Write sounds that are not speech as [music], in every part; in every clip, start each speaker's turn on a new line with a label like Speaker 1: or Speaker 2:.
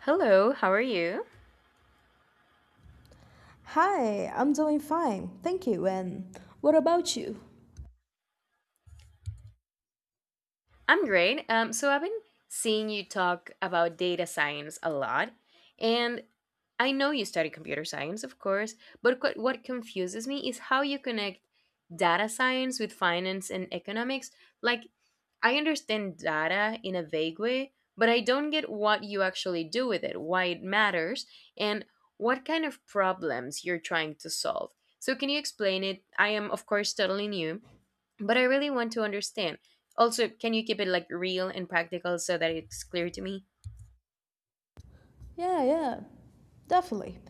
Speaker 1: Hello, how are you?
Speaker 2: Hi, I'm doing fine. Thank you. And what about you?
Speaker 1: I'm great. So I've been seeing you talk about data science a lot, and I know you study computer science, of course, but what confuses me is how you connect data science with finance and economics. Like, I understand data in a vague way, but I don't get what you actually do with it, why it matters, and what kind of problems you're trying to solve. So, can you explain it? I am, of course, totally new but I really want to understand. Also, can you keep it like real and practical so that it's clear to me?
Speaker 2: Yeah, yeah, definitely.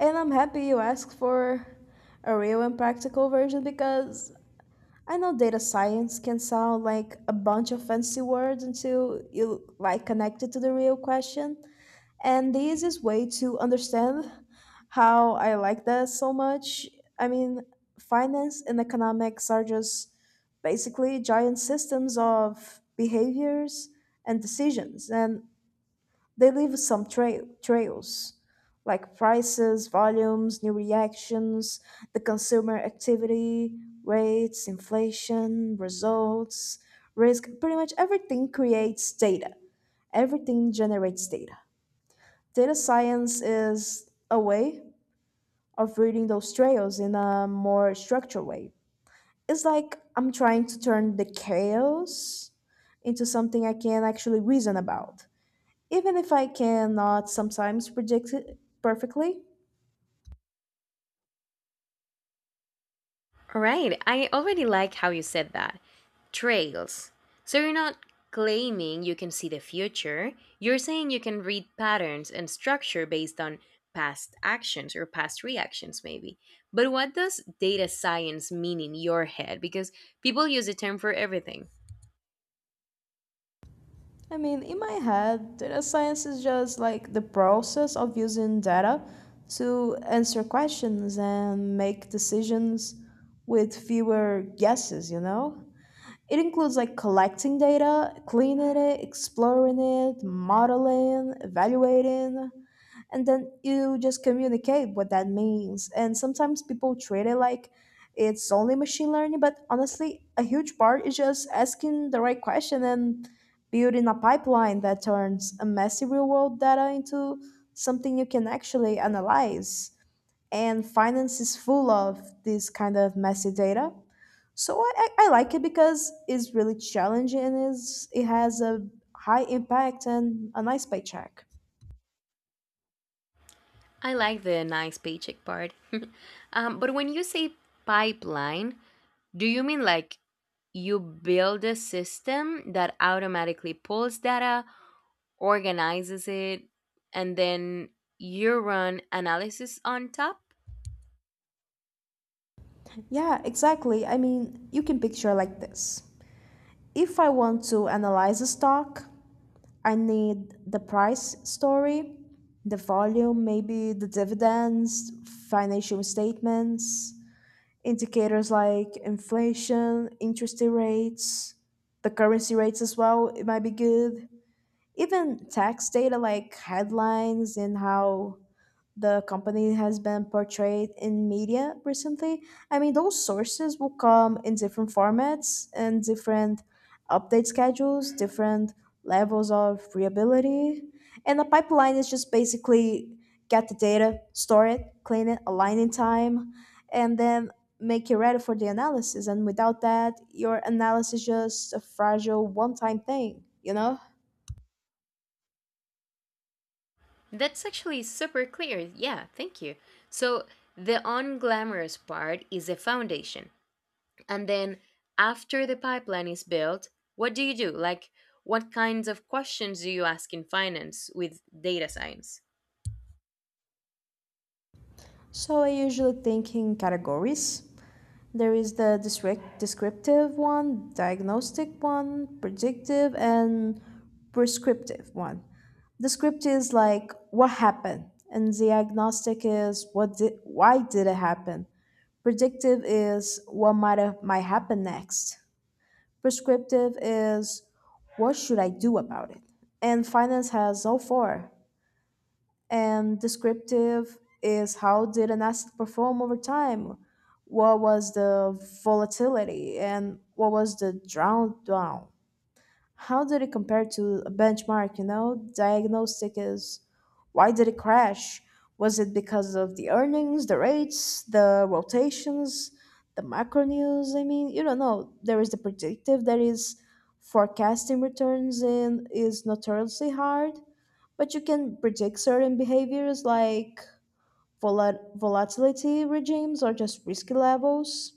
Speaker 2: And I'm happy you asked for a real and practical version because I know data science can sound like a bunch of fancy words until you like connect it to the real question. And the easiest way to understand how I like that so much, I mean, finance and economics are just basically giant systems of behaviors and decisions, and they leave some trails like prices, volumes, new reactions, the consumer activity, rates, inflation, results, risk. Pretty much everything creates data, everything generates data. Data science is a way of reading those trails in a more structured way. It's like I'm trying to turn the chaos into something I can actually reason about, even if I cannot sometimes predict it perfectly.
Speaker 1: All right, I already like how you said that. Trails. So you're not claiming you can see the future, you're saying you can read patterns and structure based on past actions or past reactions, maybe. But what does data science mean in your head? Because people use the term for everything.
Speaker 2: I mean, in my head, data science is just like the process of using data to answer questions and make decisions with fewer guesses, you know? It includes like collecting data, cleaning it, exploring it, modeling, evaluating, and then you just communicate what that means. And sometimes people treat it like it's only machine learning, but honestly, a huge part is just asking the right question and building a pipeline that turns a messy real world data into something you can actually analyze, and finance is full of this kind of messy data. So I like it because it's really challenging and is it has a high impact and a nice paycheck.
Speaker 1: I like the nice paycheck part. But when you say pipeline, do you mean like you build a system that automatically pulls data, organizes it, and then you run analysis on top.
Speaker 2: Yeah, exactly. I mean, you can picture like this. If I want to analyze a stock, I need the price story, the volume, maybe the dividends, financial statements, indicators like inflation, interest rates, the currency rates as well, it might be good. Even tax data like headlines and how the company has been portrayed in media recently. I mean, those sources will come in different formats and different update schedules, different levels of reliability. And the pipeline is just basically get the data, store it, clean it, align in time, and then make it ready for the analysis. And without that, your analysis is just a fragile one time thing, you know?
Speaker 1: That's actually super clear. Yeah, thank you. So, the unglamorous part is the foundation. And then, after the pipeline is built, what do you do? Like, what kinds of questions do you ask in finance with data science?
Speaker 2: So I usually think in categories. There is the descriptive one, diagnostic one, predictive, and prescriptive one. Descriptive is like what happened, and diagnostic is what did why did it happen. Predictive is what might happen next. Prescriptive is what should I do about it. And finance has all four, and descriptive is how did an asset perform over time? What was the volatility and what was the drawdown? How did it compare to a benchmark? You know, diagnostic is why did it crash? Was it because of the earnings, the rates, the rotations, the macro news? I mean, you don't know. There is the predictive, that is forecasting returns in is notoriously hard, but you can predict certain behaviors like volatility regimes or just risky levels.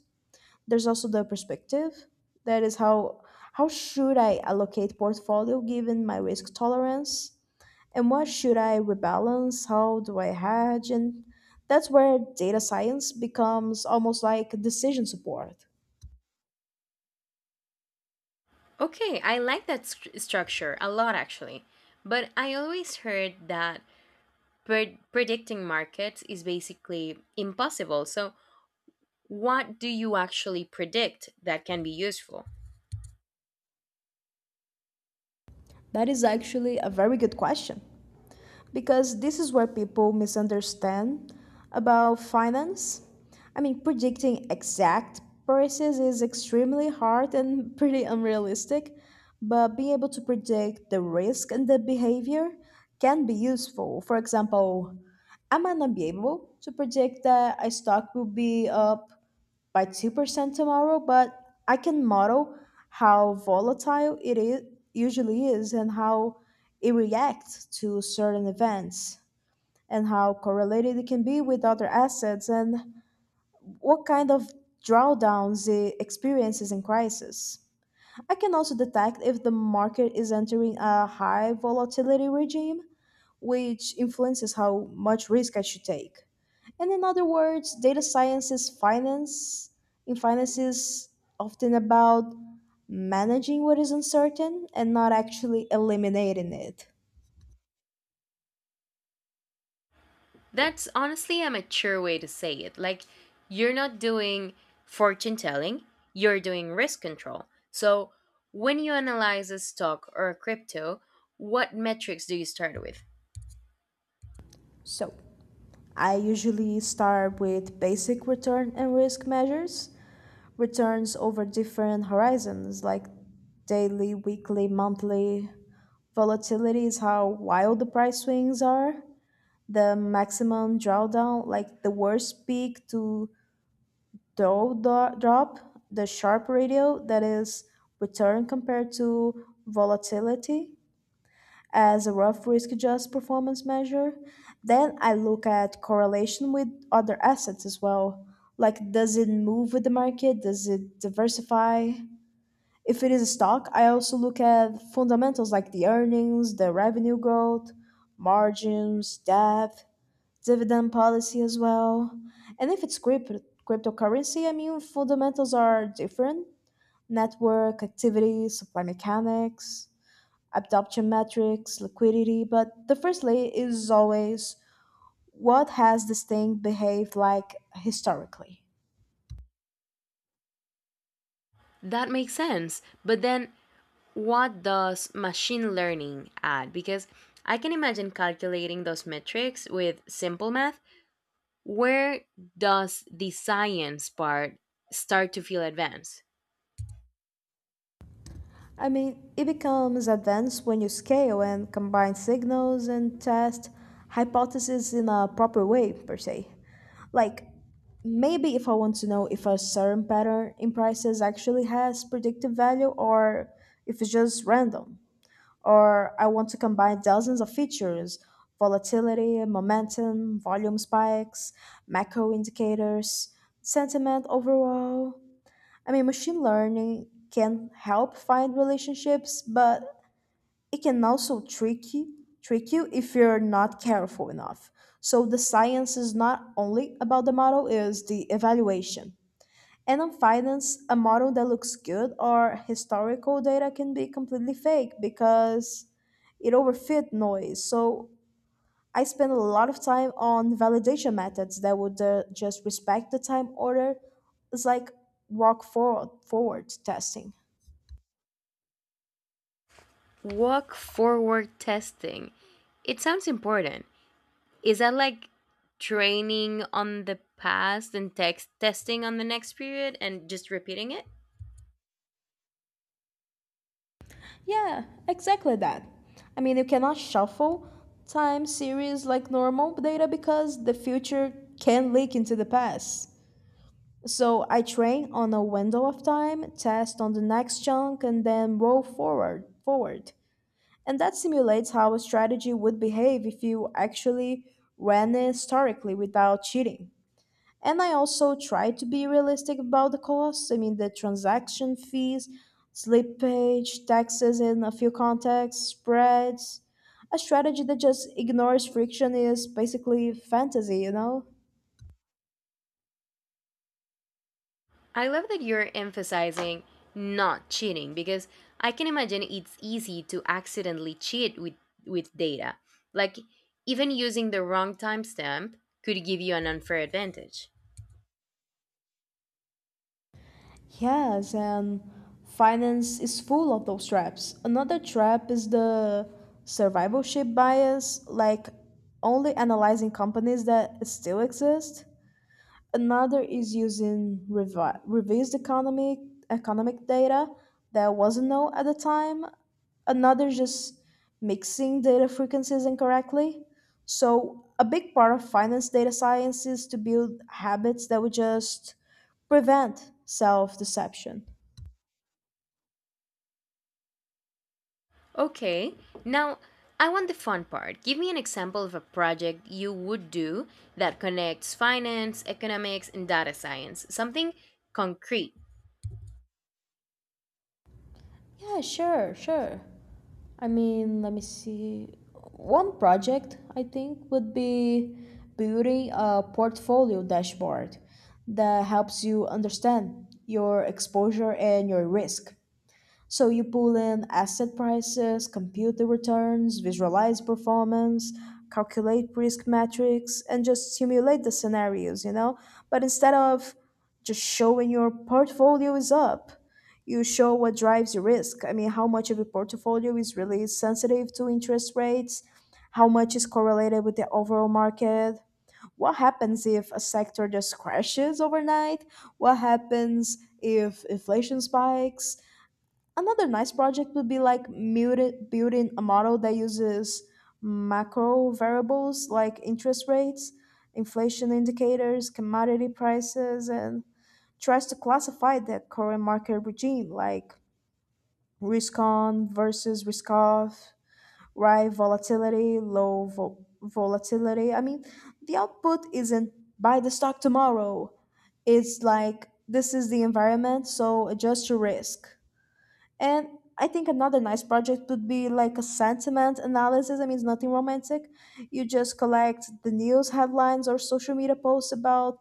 Speaker 2: There's also the perspective, that is how should I allocate portfolio given my risk tolerance, and what should I rebalance, how do I hedge, and that's where data science becomes almost like decision support.
Speaker 1: Okay, I like that structure a lot actually. But I always heard that predicting markets is basically impossible. So, what do you actually predict that can be useful?
Speaker 2: That is actually a very good question, because this is where people misunderstand about finance. I mean, predicting exact prices is extremely hard and [laughs] pretty unrealistic, but being able to predict the risk and the behavior can be useful. For example, I might not be able to predict that a stock will be up by 2% tomorrow, but I can model how volatile it usually is and how it reacts to certain events, and how correlated it can be with other assets, and what kind of drawdowns it experiences in crisis. I can also detect if the market is entering a high volatility regime, which influences how much risk I should take. And in other words, data science is finance. In finance is often about managing what is uncertain and not actually eliminating it.
Speaker 1: That's honestly a mature way to say it. Like, you're not doing fortune telling, you're doing risk control. So, when you analyze a stock or a crypto, what metrics do you start with?
Speaker 2: So, I usually start with basic return and risk measures, returns over different horizons like daily, weekly, monthly. Volatility is how wild the price swings are. The maximum drawdown, like the worst peak to drop, the sharp ratio, that is, return compared to volatility, as a rough risk adjusted performance measure. Then I look at correlation with other assets as well. Like, does it move with the market? Does it diversify? If it is a stock, I also look at fundamentals like the earnings, the revenue growth, margins, debt, dividend policy as well. And if it's cryptocurrency, I mean, fundamentals are different. Network, activity, supply mechanics, adoption metrics, liquidity. But the first layer is always, what has this thing behaved like historically?
Speaker 1: That makes sense. But then, what does machine learning add? Because I can imagine calculating those metrics with simple math. Where does the science part start to feel advanced?
Speaker 2: I mean, it becomes advanced when you scale and combine signals and test hypotheses in a proper way, per se. Like, maybe if I want to know if a certain pattern in prices actually has predictive value or if it's just random, or I want to combine dozens of features, volatility, momentum, volume spikes, macro indicators, sentiment overall. I mean, machine learning can help find relationships, but it can also trick you if you're not careful enough. So the science is not only about the model, is the evaluation. And on finance, a model that looks good or historical data can be completely fake because it overfit noise. So I spend a lot of time on validation methods that would just respect the time order. It's like walk forward testing.
Speaker 1: Walk forward testing. It sounds important. Is that like training on the past and text testing on the next period and just repeating it?
Speaker 2: Yeah, exactly that. I mean, you cannot shuffle time series like normal data because the future can leak into the past. So I train on a window of time, test on the next chunk, and then roll forward. And that simulates how a strategy would behave if you actually ran it historically without cheating. And I also try to be realistic about the costs. I mean, the transaction fees, slippage, taxes in a few contexts, spreads. A strategy that just ignores friction is basically fantasy, you know?
Speaker 1: I love that you're emphasizing not cheating because I can imagine it's easy to accidentally cheat with data. Like even using the wrong timestamp could give you an unfair advantage.
Speaker 2: Yes, and finance is full of those traps. Another trap is the survivorship bias, like only analyzing companies that still exist. Another is using revised economic data that wasn't known at the time. Another is just mixing data frequencies incorrectly. So a big part of finance data science is to build habits that would just prevent self-deception.
Speaker 1: Okay, now I want the fun part. Give me an example of a project you would do that connects finance, economics, and data science. Something concrete.
Speaker 2: Yeah, sure, sure. I mean, let me see. One project I think would be building a portfolio dashboard that helps you understand your exposure and your risk. So you pull in asset prices, compute the returns, visualize performance, calculate risk metrics, and just simulate the scenarios, you know? But instead of just showing your portfolio is up, you show what drives your risk. I mean, how much of your portfolio is really sensitive to interest rates, how much is correlated with the overall market, what happens if a sector just crashes overnight, what happens if inflation spikes. Another nice project would be like building a model that uses macro variables like interest rates, inflation indicators, commodity prices, and tries to classify the current market regime, like risk on versus risk off, right volatility, low volatility. I mean, the output isn't buy the stock tomorrow. It's like, this is the environment, so adjust your risk. And I think another nice project would be like a sentiment analysis. I mean, it's nothing romantic. You just collect the news headlines or social media posts about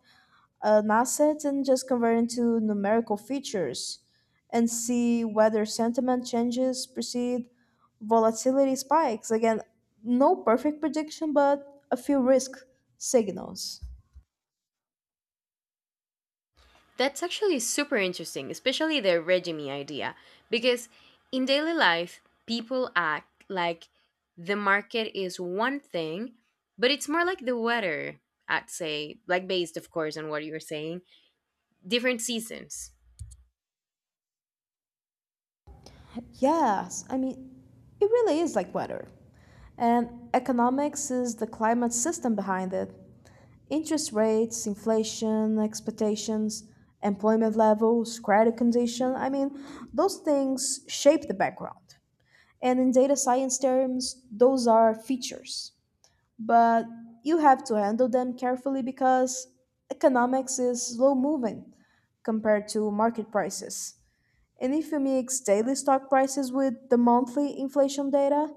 Speaker 2: an asset and just convert it into numerical features and see whether sentiment changes precede volatility spikes. Again, no perfect prediction, but a few risk signals.
Speaker 1: That's actually super interesting, especially the regime idea, because in daily life, people act like the market is one thing, but it's more like the weather, I'd say, like based, of course, on what you were saying, different seasons.
Speaker 2: Yes, I mean, it really is like weather. And economics is the climate system behind it. Interest rates, inflation expectations, employment levels, credit condition. I mean, those things shape the background. And in data science terms, those are features. But you have to handle them carefully because economics is slow moving compared to market prices. And if you mix daily stock prices with the monthly inflation data,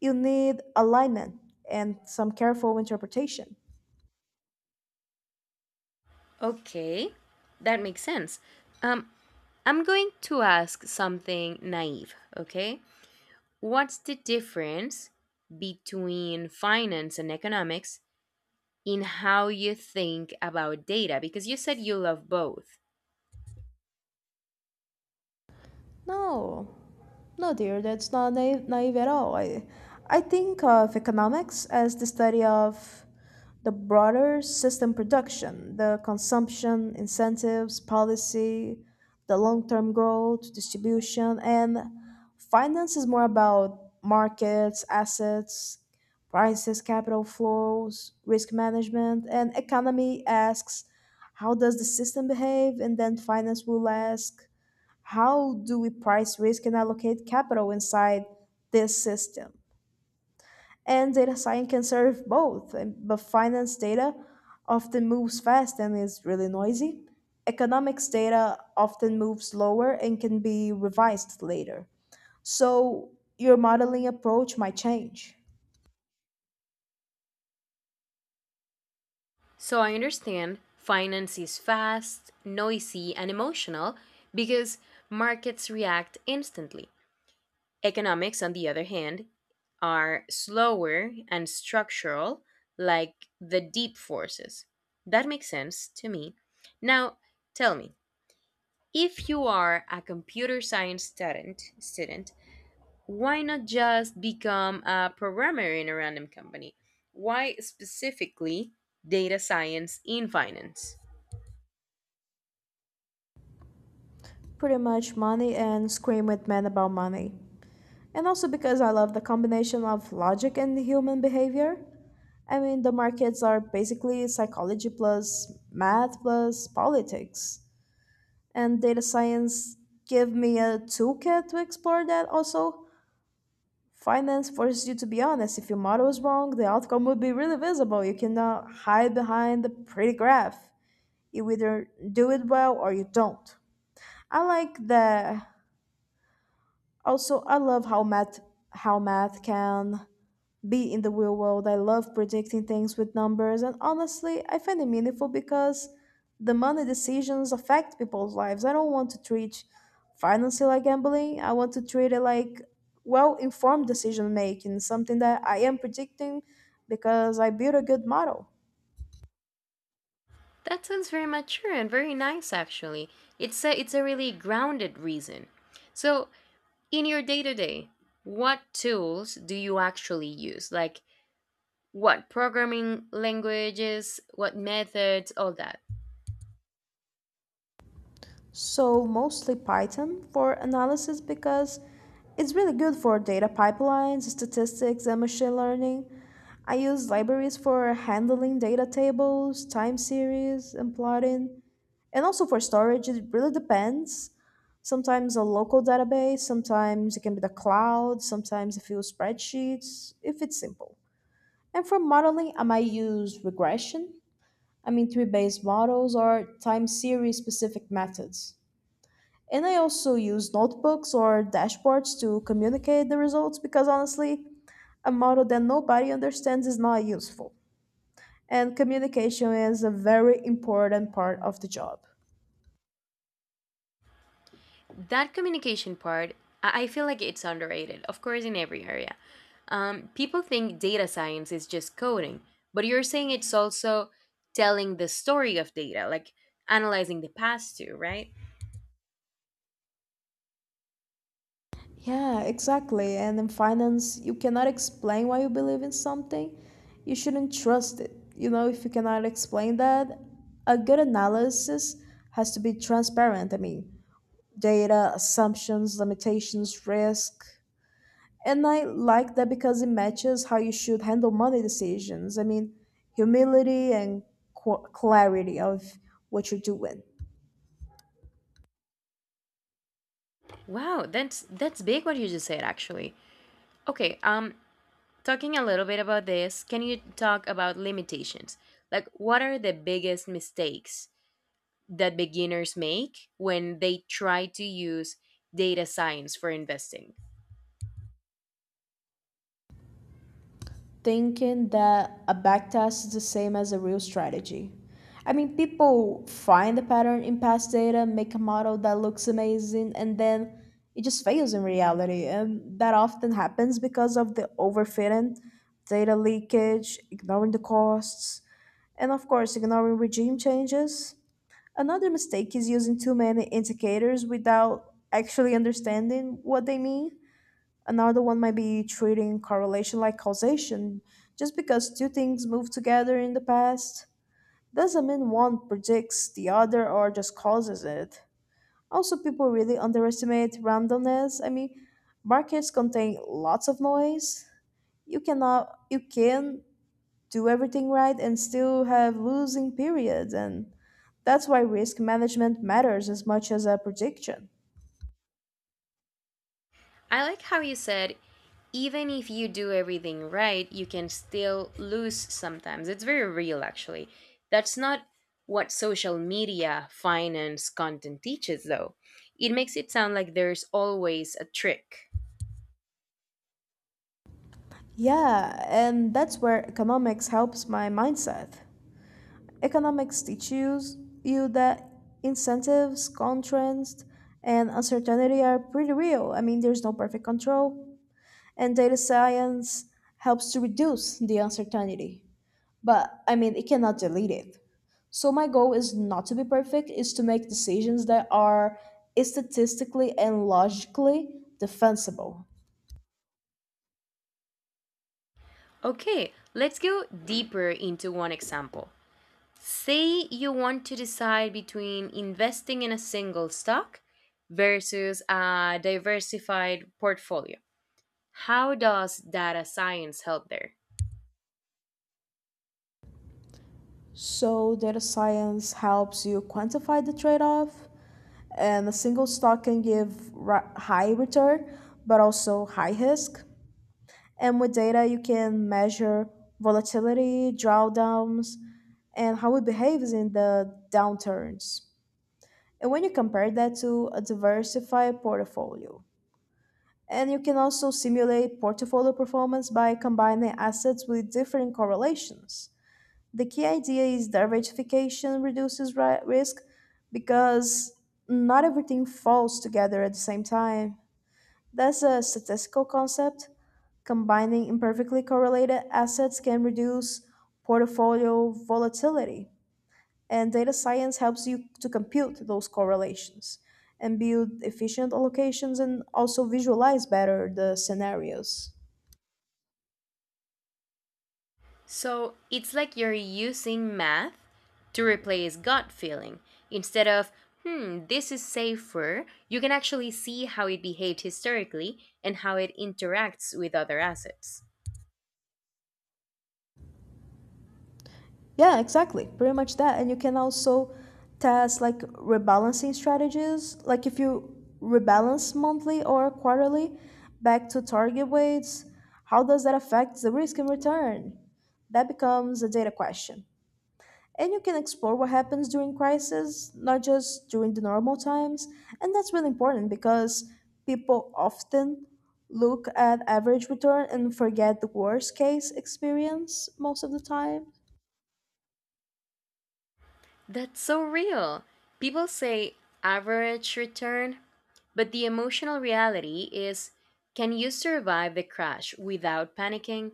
Speaker 2: you need alignment and some careful interpretation.
Speaker 1: Okay, that makes sense. Um, I'm going to ask something naive, okay? What's the difference between finance and economics in how you think about data? Because you said you love both.
Speaker 2: No, no, dear, that's not naive at all. I think of economics as the study of the broader system, production, the consumption, incentives, policy, the long term growth, distribution, and finance is more about markets, assets, prices, capital flows, risk management, and economy asks how does the system behave, and then finance will ask how do we price risk and allocate capital inside this system? And data science can serve both, but finance data often moves fast and is really noisy. Economics data often moves slower and can be revised later. So your modeling approach might change.
Speaker 1: So I understand finance is fast, noisy, and emotional because markets react instantly. Economics, on the other hand, are slower and structural, like the deep forces. That makes sense to me. Now, tell me, if you are a computer science student, why not just become a programmer in a random company? Why specifically data science in finance?
Speaker 2: Pretty much money, and scream with men about money. And also because I love the combination of logic and human behavior. I mean, the markets are basically psychology plus math plus politics. And data science give me a toolkit to explore that also. Finance forces you to be honest. If your model is wrong, the outcome would be really visible. You cannot hide behind the pretty graph. You either do it well or you don't. I like the also I love how math can be in the real world. I love predicting things with numbers, and honestly, I find it meaningful because the money decisions affect people's lives. I don't want to treat financing like gambling. I want to treat it like well-informed decision making, something that I am predicting because I built a good model.
Speaker 1: That sounds very mature and very nice actually. It's a really grounded reason. So in your day to day, what tools do you actually use? Like what programming languages, what methods, all that.
Speaker 2: So mostly Python for analysis because it's really good for data pipelines, statistics, and machine learning. I use libraries for handling data tables, time series, and plotting, and also for storage. It really depends. Sometimes a local database, sometimes it can be the cloud, sometimes a few spreadsheets, if it's simple. And for modeling, I might use regression, I mean, tree based models, or time series specific methods. And I also use notebooks or dashboards to communicate the results because honestly, a model that nobody understands is not useful. And communication is a very important part of the job.
Speaker 1: That communication part, I feel like it's underrated, of course, in every area. People think data science is just coding, but you're saying it's also telling the story of data, like analyzing the past too, right?
Speaker 2: Yeah, exactly. And in finance, you cannot explain why you believe in something. You shouldn't trust it. You know, if you cannot explain that, a good analysis has to be transparent. I mean, data, assumptions, limitations, risk. And I like that because it matches how you should handle money decisions. I mean, humility and clarity of what you're doing.
Speaker 1: Wow, that's big what you just said actually. Okay, talking a little bit about this, can you talk about limitations? Like, what are the biggest mistakes that beginners make when they try to use data science for investing?
Speaker 2: Thinking that a backtest is the same as a real strategy. I mean, people find a pattern in past data, make a model that looks amazing, and then it just fails in reality. And that often happens because of the overfitting, data leakage, ignoring the costs, and of course, ignoring regime changes. Another mistake is using too many indicators without actually understanding what they mean. Another one might be treating correlation like causation. Just because two things move together in the past doesn't mean one predicts the other or just causes it. Also, people really underestimate randomness. I mean, markets contain lots of noise. You cannot, you can do everything right and still have losing periods, and that's why risk management matters as much as a prediction.
Speaker 1: I like how you said, even if you do everything right, you can still lose sometimes. It's very real, actually. That's not what social media finance content teaches, though. It makes it sound like there's always a trick.
Speaker 2: Yeah, and that's where economics helps my mindset. Economics teaches you that incentives, constraints, and uncertainty are pretty real. I mean, there's no perfect control. And data science helps to reduce the uncertainty. But I mean, it cannot delete it. So, my goal is not to be perfect, is to make decisions that are statistically and logically defensible.
Speaker 1: Okay, let's go deeper into one example. Say you want to decide between investing in a single stock versus a diversified portfolio. How does data science help there?
Speaker 2: So, data science helps you quantify the trade off, and a single stock can give high return but also high risk. And with data, you can measure volatility, drawdowns, and how it behaves in the downturns. And when you compare that to a diversified portfolio, and you can also simulate portfolio performance by combining assets with different correlations, the key idea is diversification reduces risk because not everything falls together at the same time. That's a statistical concept. Combining imperfectly correlated assets can reduce portfolio volatility, and data science helps you to compute those correlations and build efficient allocations and also visualize better the scenarios.
Speaker 1: So it's like you're using math to replace gut feeling. Instead of, hmm, this is safer, you can actually see how it behaved historically and how it interacts with other assets.
Speaker 2: Yeah, exactly. Pretty much that. And you can also test like rebalancing strategies. Like if you rebalance monthly or quarterly back to target weights, how does that affect the risk and return? That becomes a data question. And you can explore what happens during crisis, not just during the normal times. And that's really important because people often look at average return and forget the worst case experience most of the time.
Speaker 1: That's so real. People say average return, but the emotional reality is can you survive the crash without panicking?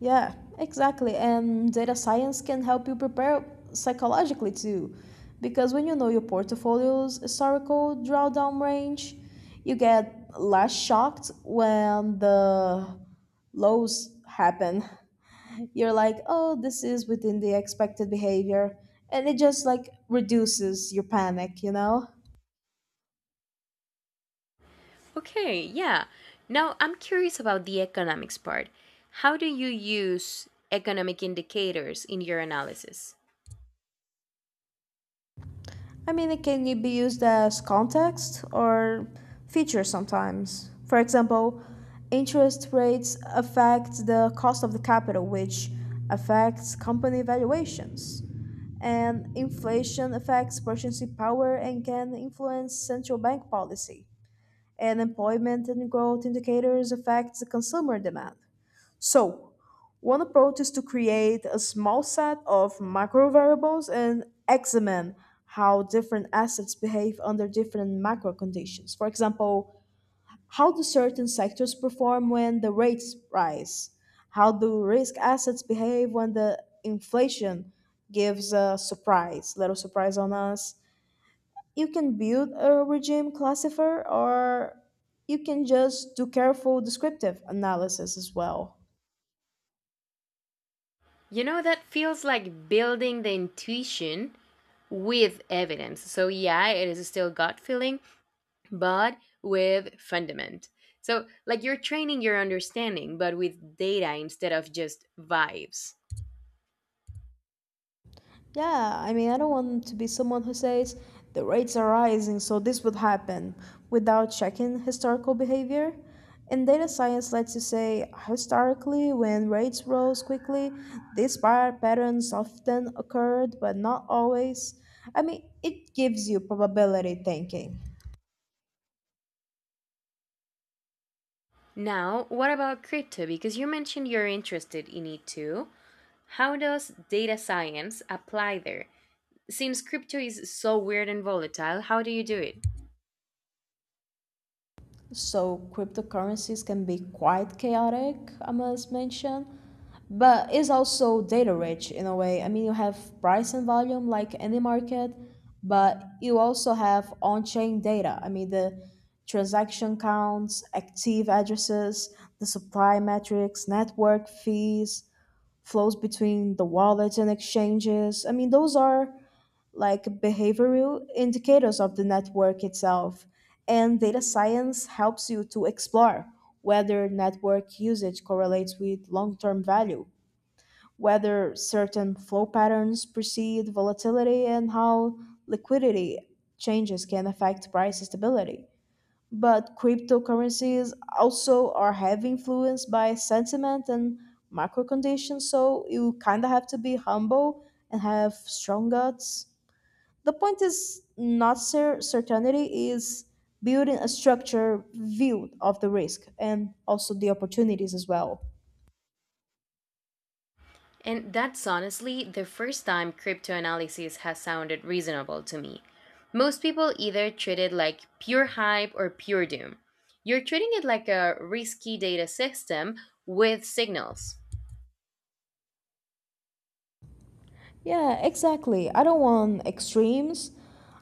Speaker 2: Yeah, exactly. And data science can help you prepare psychologically too. Because when you know your portfolio's historical drawdown range, you get less shocked when the lows happen. [laughs] You're like, oh, this is within the expected behavior. And it just like reduces your panic, you know?
Speaker 1: Okay, yeah. Now I'm curious about the economics part. How do you use economic indicators in your analysis?
Speaker 2: I mean, it can be used as context or feature sometimes. For example, interest rates affect the cost of the capital, which affects company valuations. And inflation affects purchasing power and can influence central bank policy. And employment and growth indicators affect the consumer demand. So, one approach is to create a small set of macrovariables and examine how different assets behave under different macro conditions. For example, how do certain sectors perform when the rates rise? How do risk assets behave when the inflation gives a surprise, little surprise on us? You can build a regime classifier or you can just do careful descriptive analysis as well.
Speaker 1: You know, that feels like building the intuition with evidence. So, yeah, it is still gut feeling, but with fundament. So, like you're training your understanding, but with data instead of just vibes.
Speaker 2: Yeah, I mean, I don't want to be someone who says the rates are rising, so this would happen without checking historical behavior. And data science lets you say historically, when rates rose quickly, these prior patterns often occurred, but not always. I mean, it gives you probability thinking.
Speaker 1: Now, what about crypto? Because you mentioned you're interested in it too. How does data science apply there? Since crypto is so weird and volatile, how do you do it?
Speaker 2: So cryptocurrencies can be quite chaotic, I must mention, but it's also data rich in a way. I mean, you have price and volume like any market, but you also have on chain data. I mean, the transaction counts, active addresses, the supply metrics, network fees, flows between the wallets and exchanges. I mean, those are like behavioral indicators of the network itself. And data science helps you to explore whether network usage correlates with long term value, whether certain flow patterns precede volatility, and how liquidity changes can affect price stability. But cryptocurrencies also are heavily influenced by sentiment and macro conditions, so you kind of have to be humble and have strong guts. The point is not certainty, is building a structure view of the risk and also the opportunities as well.
Speaker 1: And that's honestly the first time cryptoanalysis has sounded reasonable to me. Most people either treat it like pure hype or pure doom. You're treating it like a risky data system with signals.
Speaker 2: Yeah, exactly. I don't want extremes.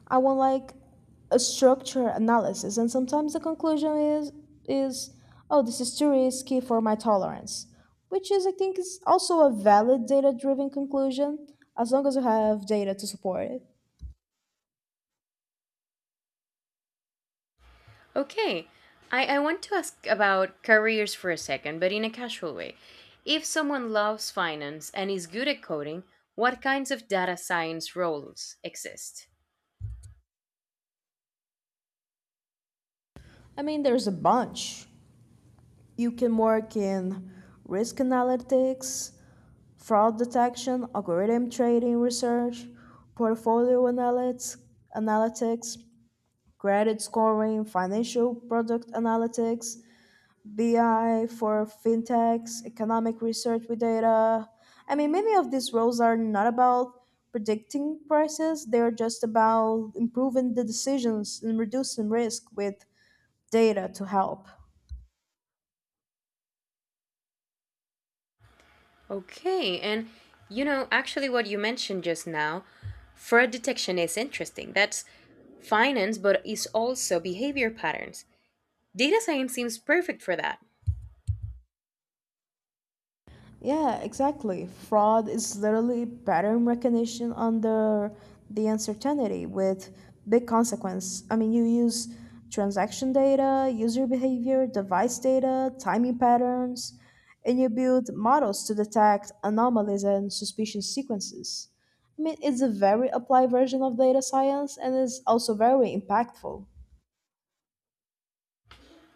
Speaker 2: I want like a structure analysis, and sometimes the conclusion is is oh, this is too risky for my tolerance, which is I think is also a valid data driven conclusion as long as you have data to support it.
Speaker 1: Okay, I want to ask about careers for a second, but in a casual way. If someone loves finance and is good at coding, what kinds of data science roles exist?
Speaker 2: I mean, there's a bunch. You can work in risk analytics, fraud detection, algorithm trading research, portfolio analytics, analytics credit scoring, financial product analytics, BI for fintechs, economic research with data. I mean, many of these roles are not about predicting prices, they're just about improving the decisions and reducing risk with data to help.
Speaker 1: Okay, and you know, actually, what you mentioned just now, fraud detection is interesting. That's finance, but it's also behavior patterns. Data science seems perfect for that.
Speaker 2: Yeah, exactly. Fraud is literally pattern recognition under the uncertainty with big consequence. I mean, you use transaction data, user behavior, device data, timing patterns, and you build models to detect anomalies and suspicious sequences. I mean, it's a very applied version of data science and is also very impactful.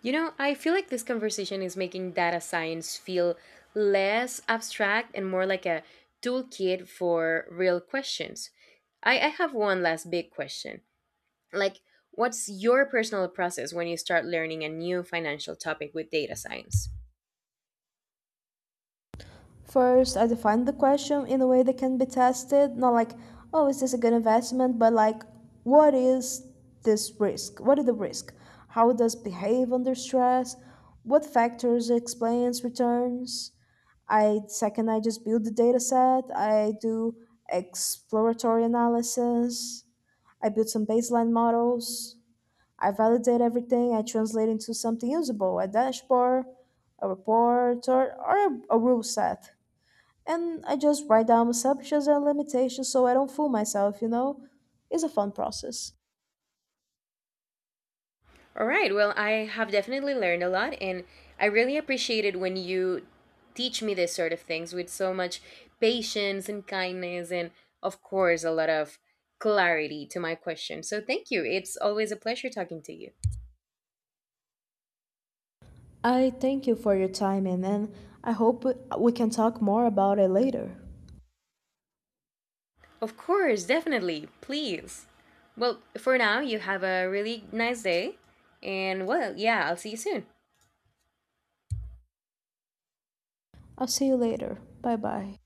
Speaker 1: You know, I feel like this conversation is making data science feel less abstract and more like a toolkit for real questions. I have one last big question. Like, what's your personal process when you start learning a new financial topic with data science?
Speaker 2: First, I define the question in a way that can be tested, not like, oh, is this a good investment, but like, what is this risk? What is the risk? How it does it behave under stress? What factors explains returns? I second, I just build the data set. I do exploratory analysis. I build some baseline models. I validate everything. I translate into something usable, a dashboard, a report, or a rule set, and I just write down my assumptions and limitations so I don't fool myself, you know? It's a fun process.
Speaker 1: All right. Well, I have definitely learned a lot, and I really appreciate it when you teach me this sort of things with so much patience and kindness, and of course, a lot of clarity to my question. So, thank you. It's always a pleasure talking to you.
Speaker 2: I thank you for your time, and I hope we can talk more about it later.
Speaker 1: Of course, definitely. Please. Well, for now, you have a really nice day, and well, yeah, I'll see you soon.
Speaker 2: I'll see you later. Bye bye.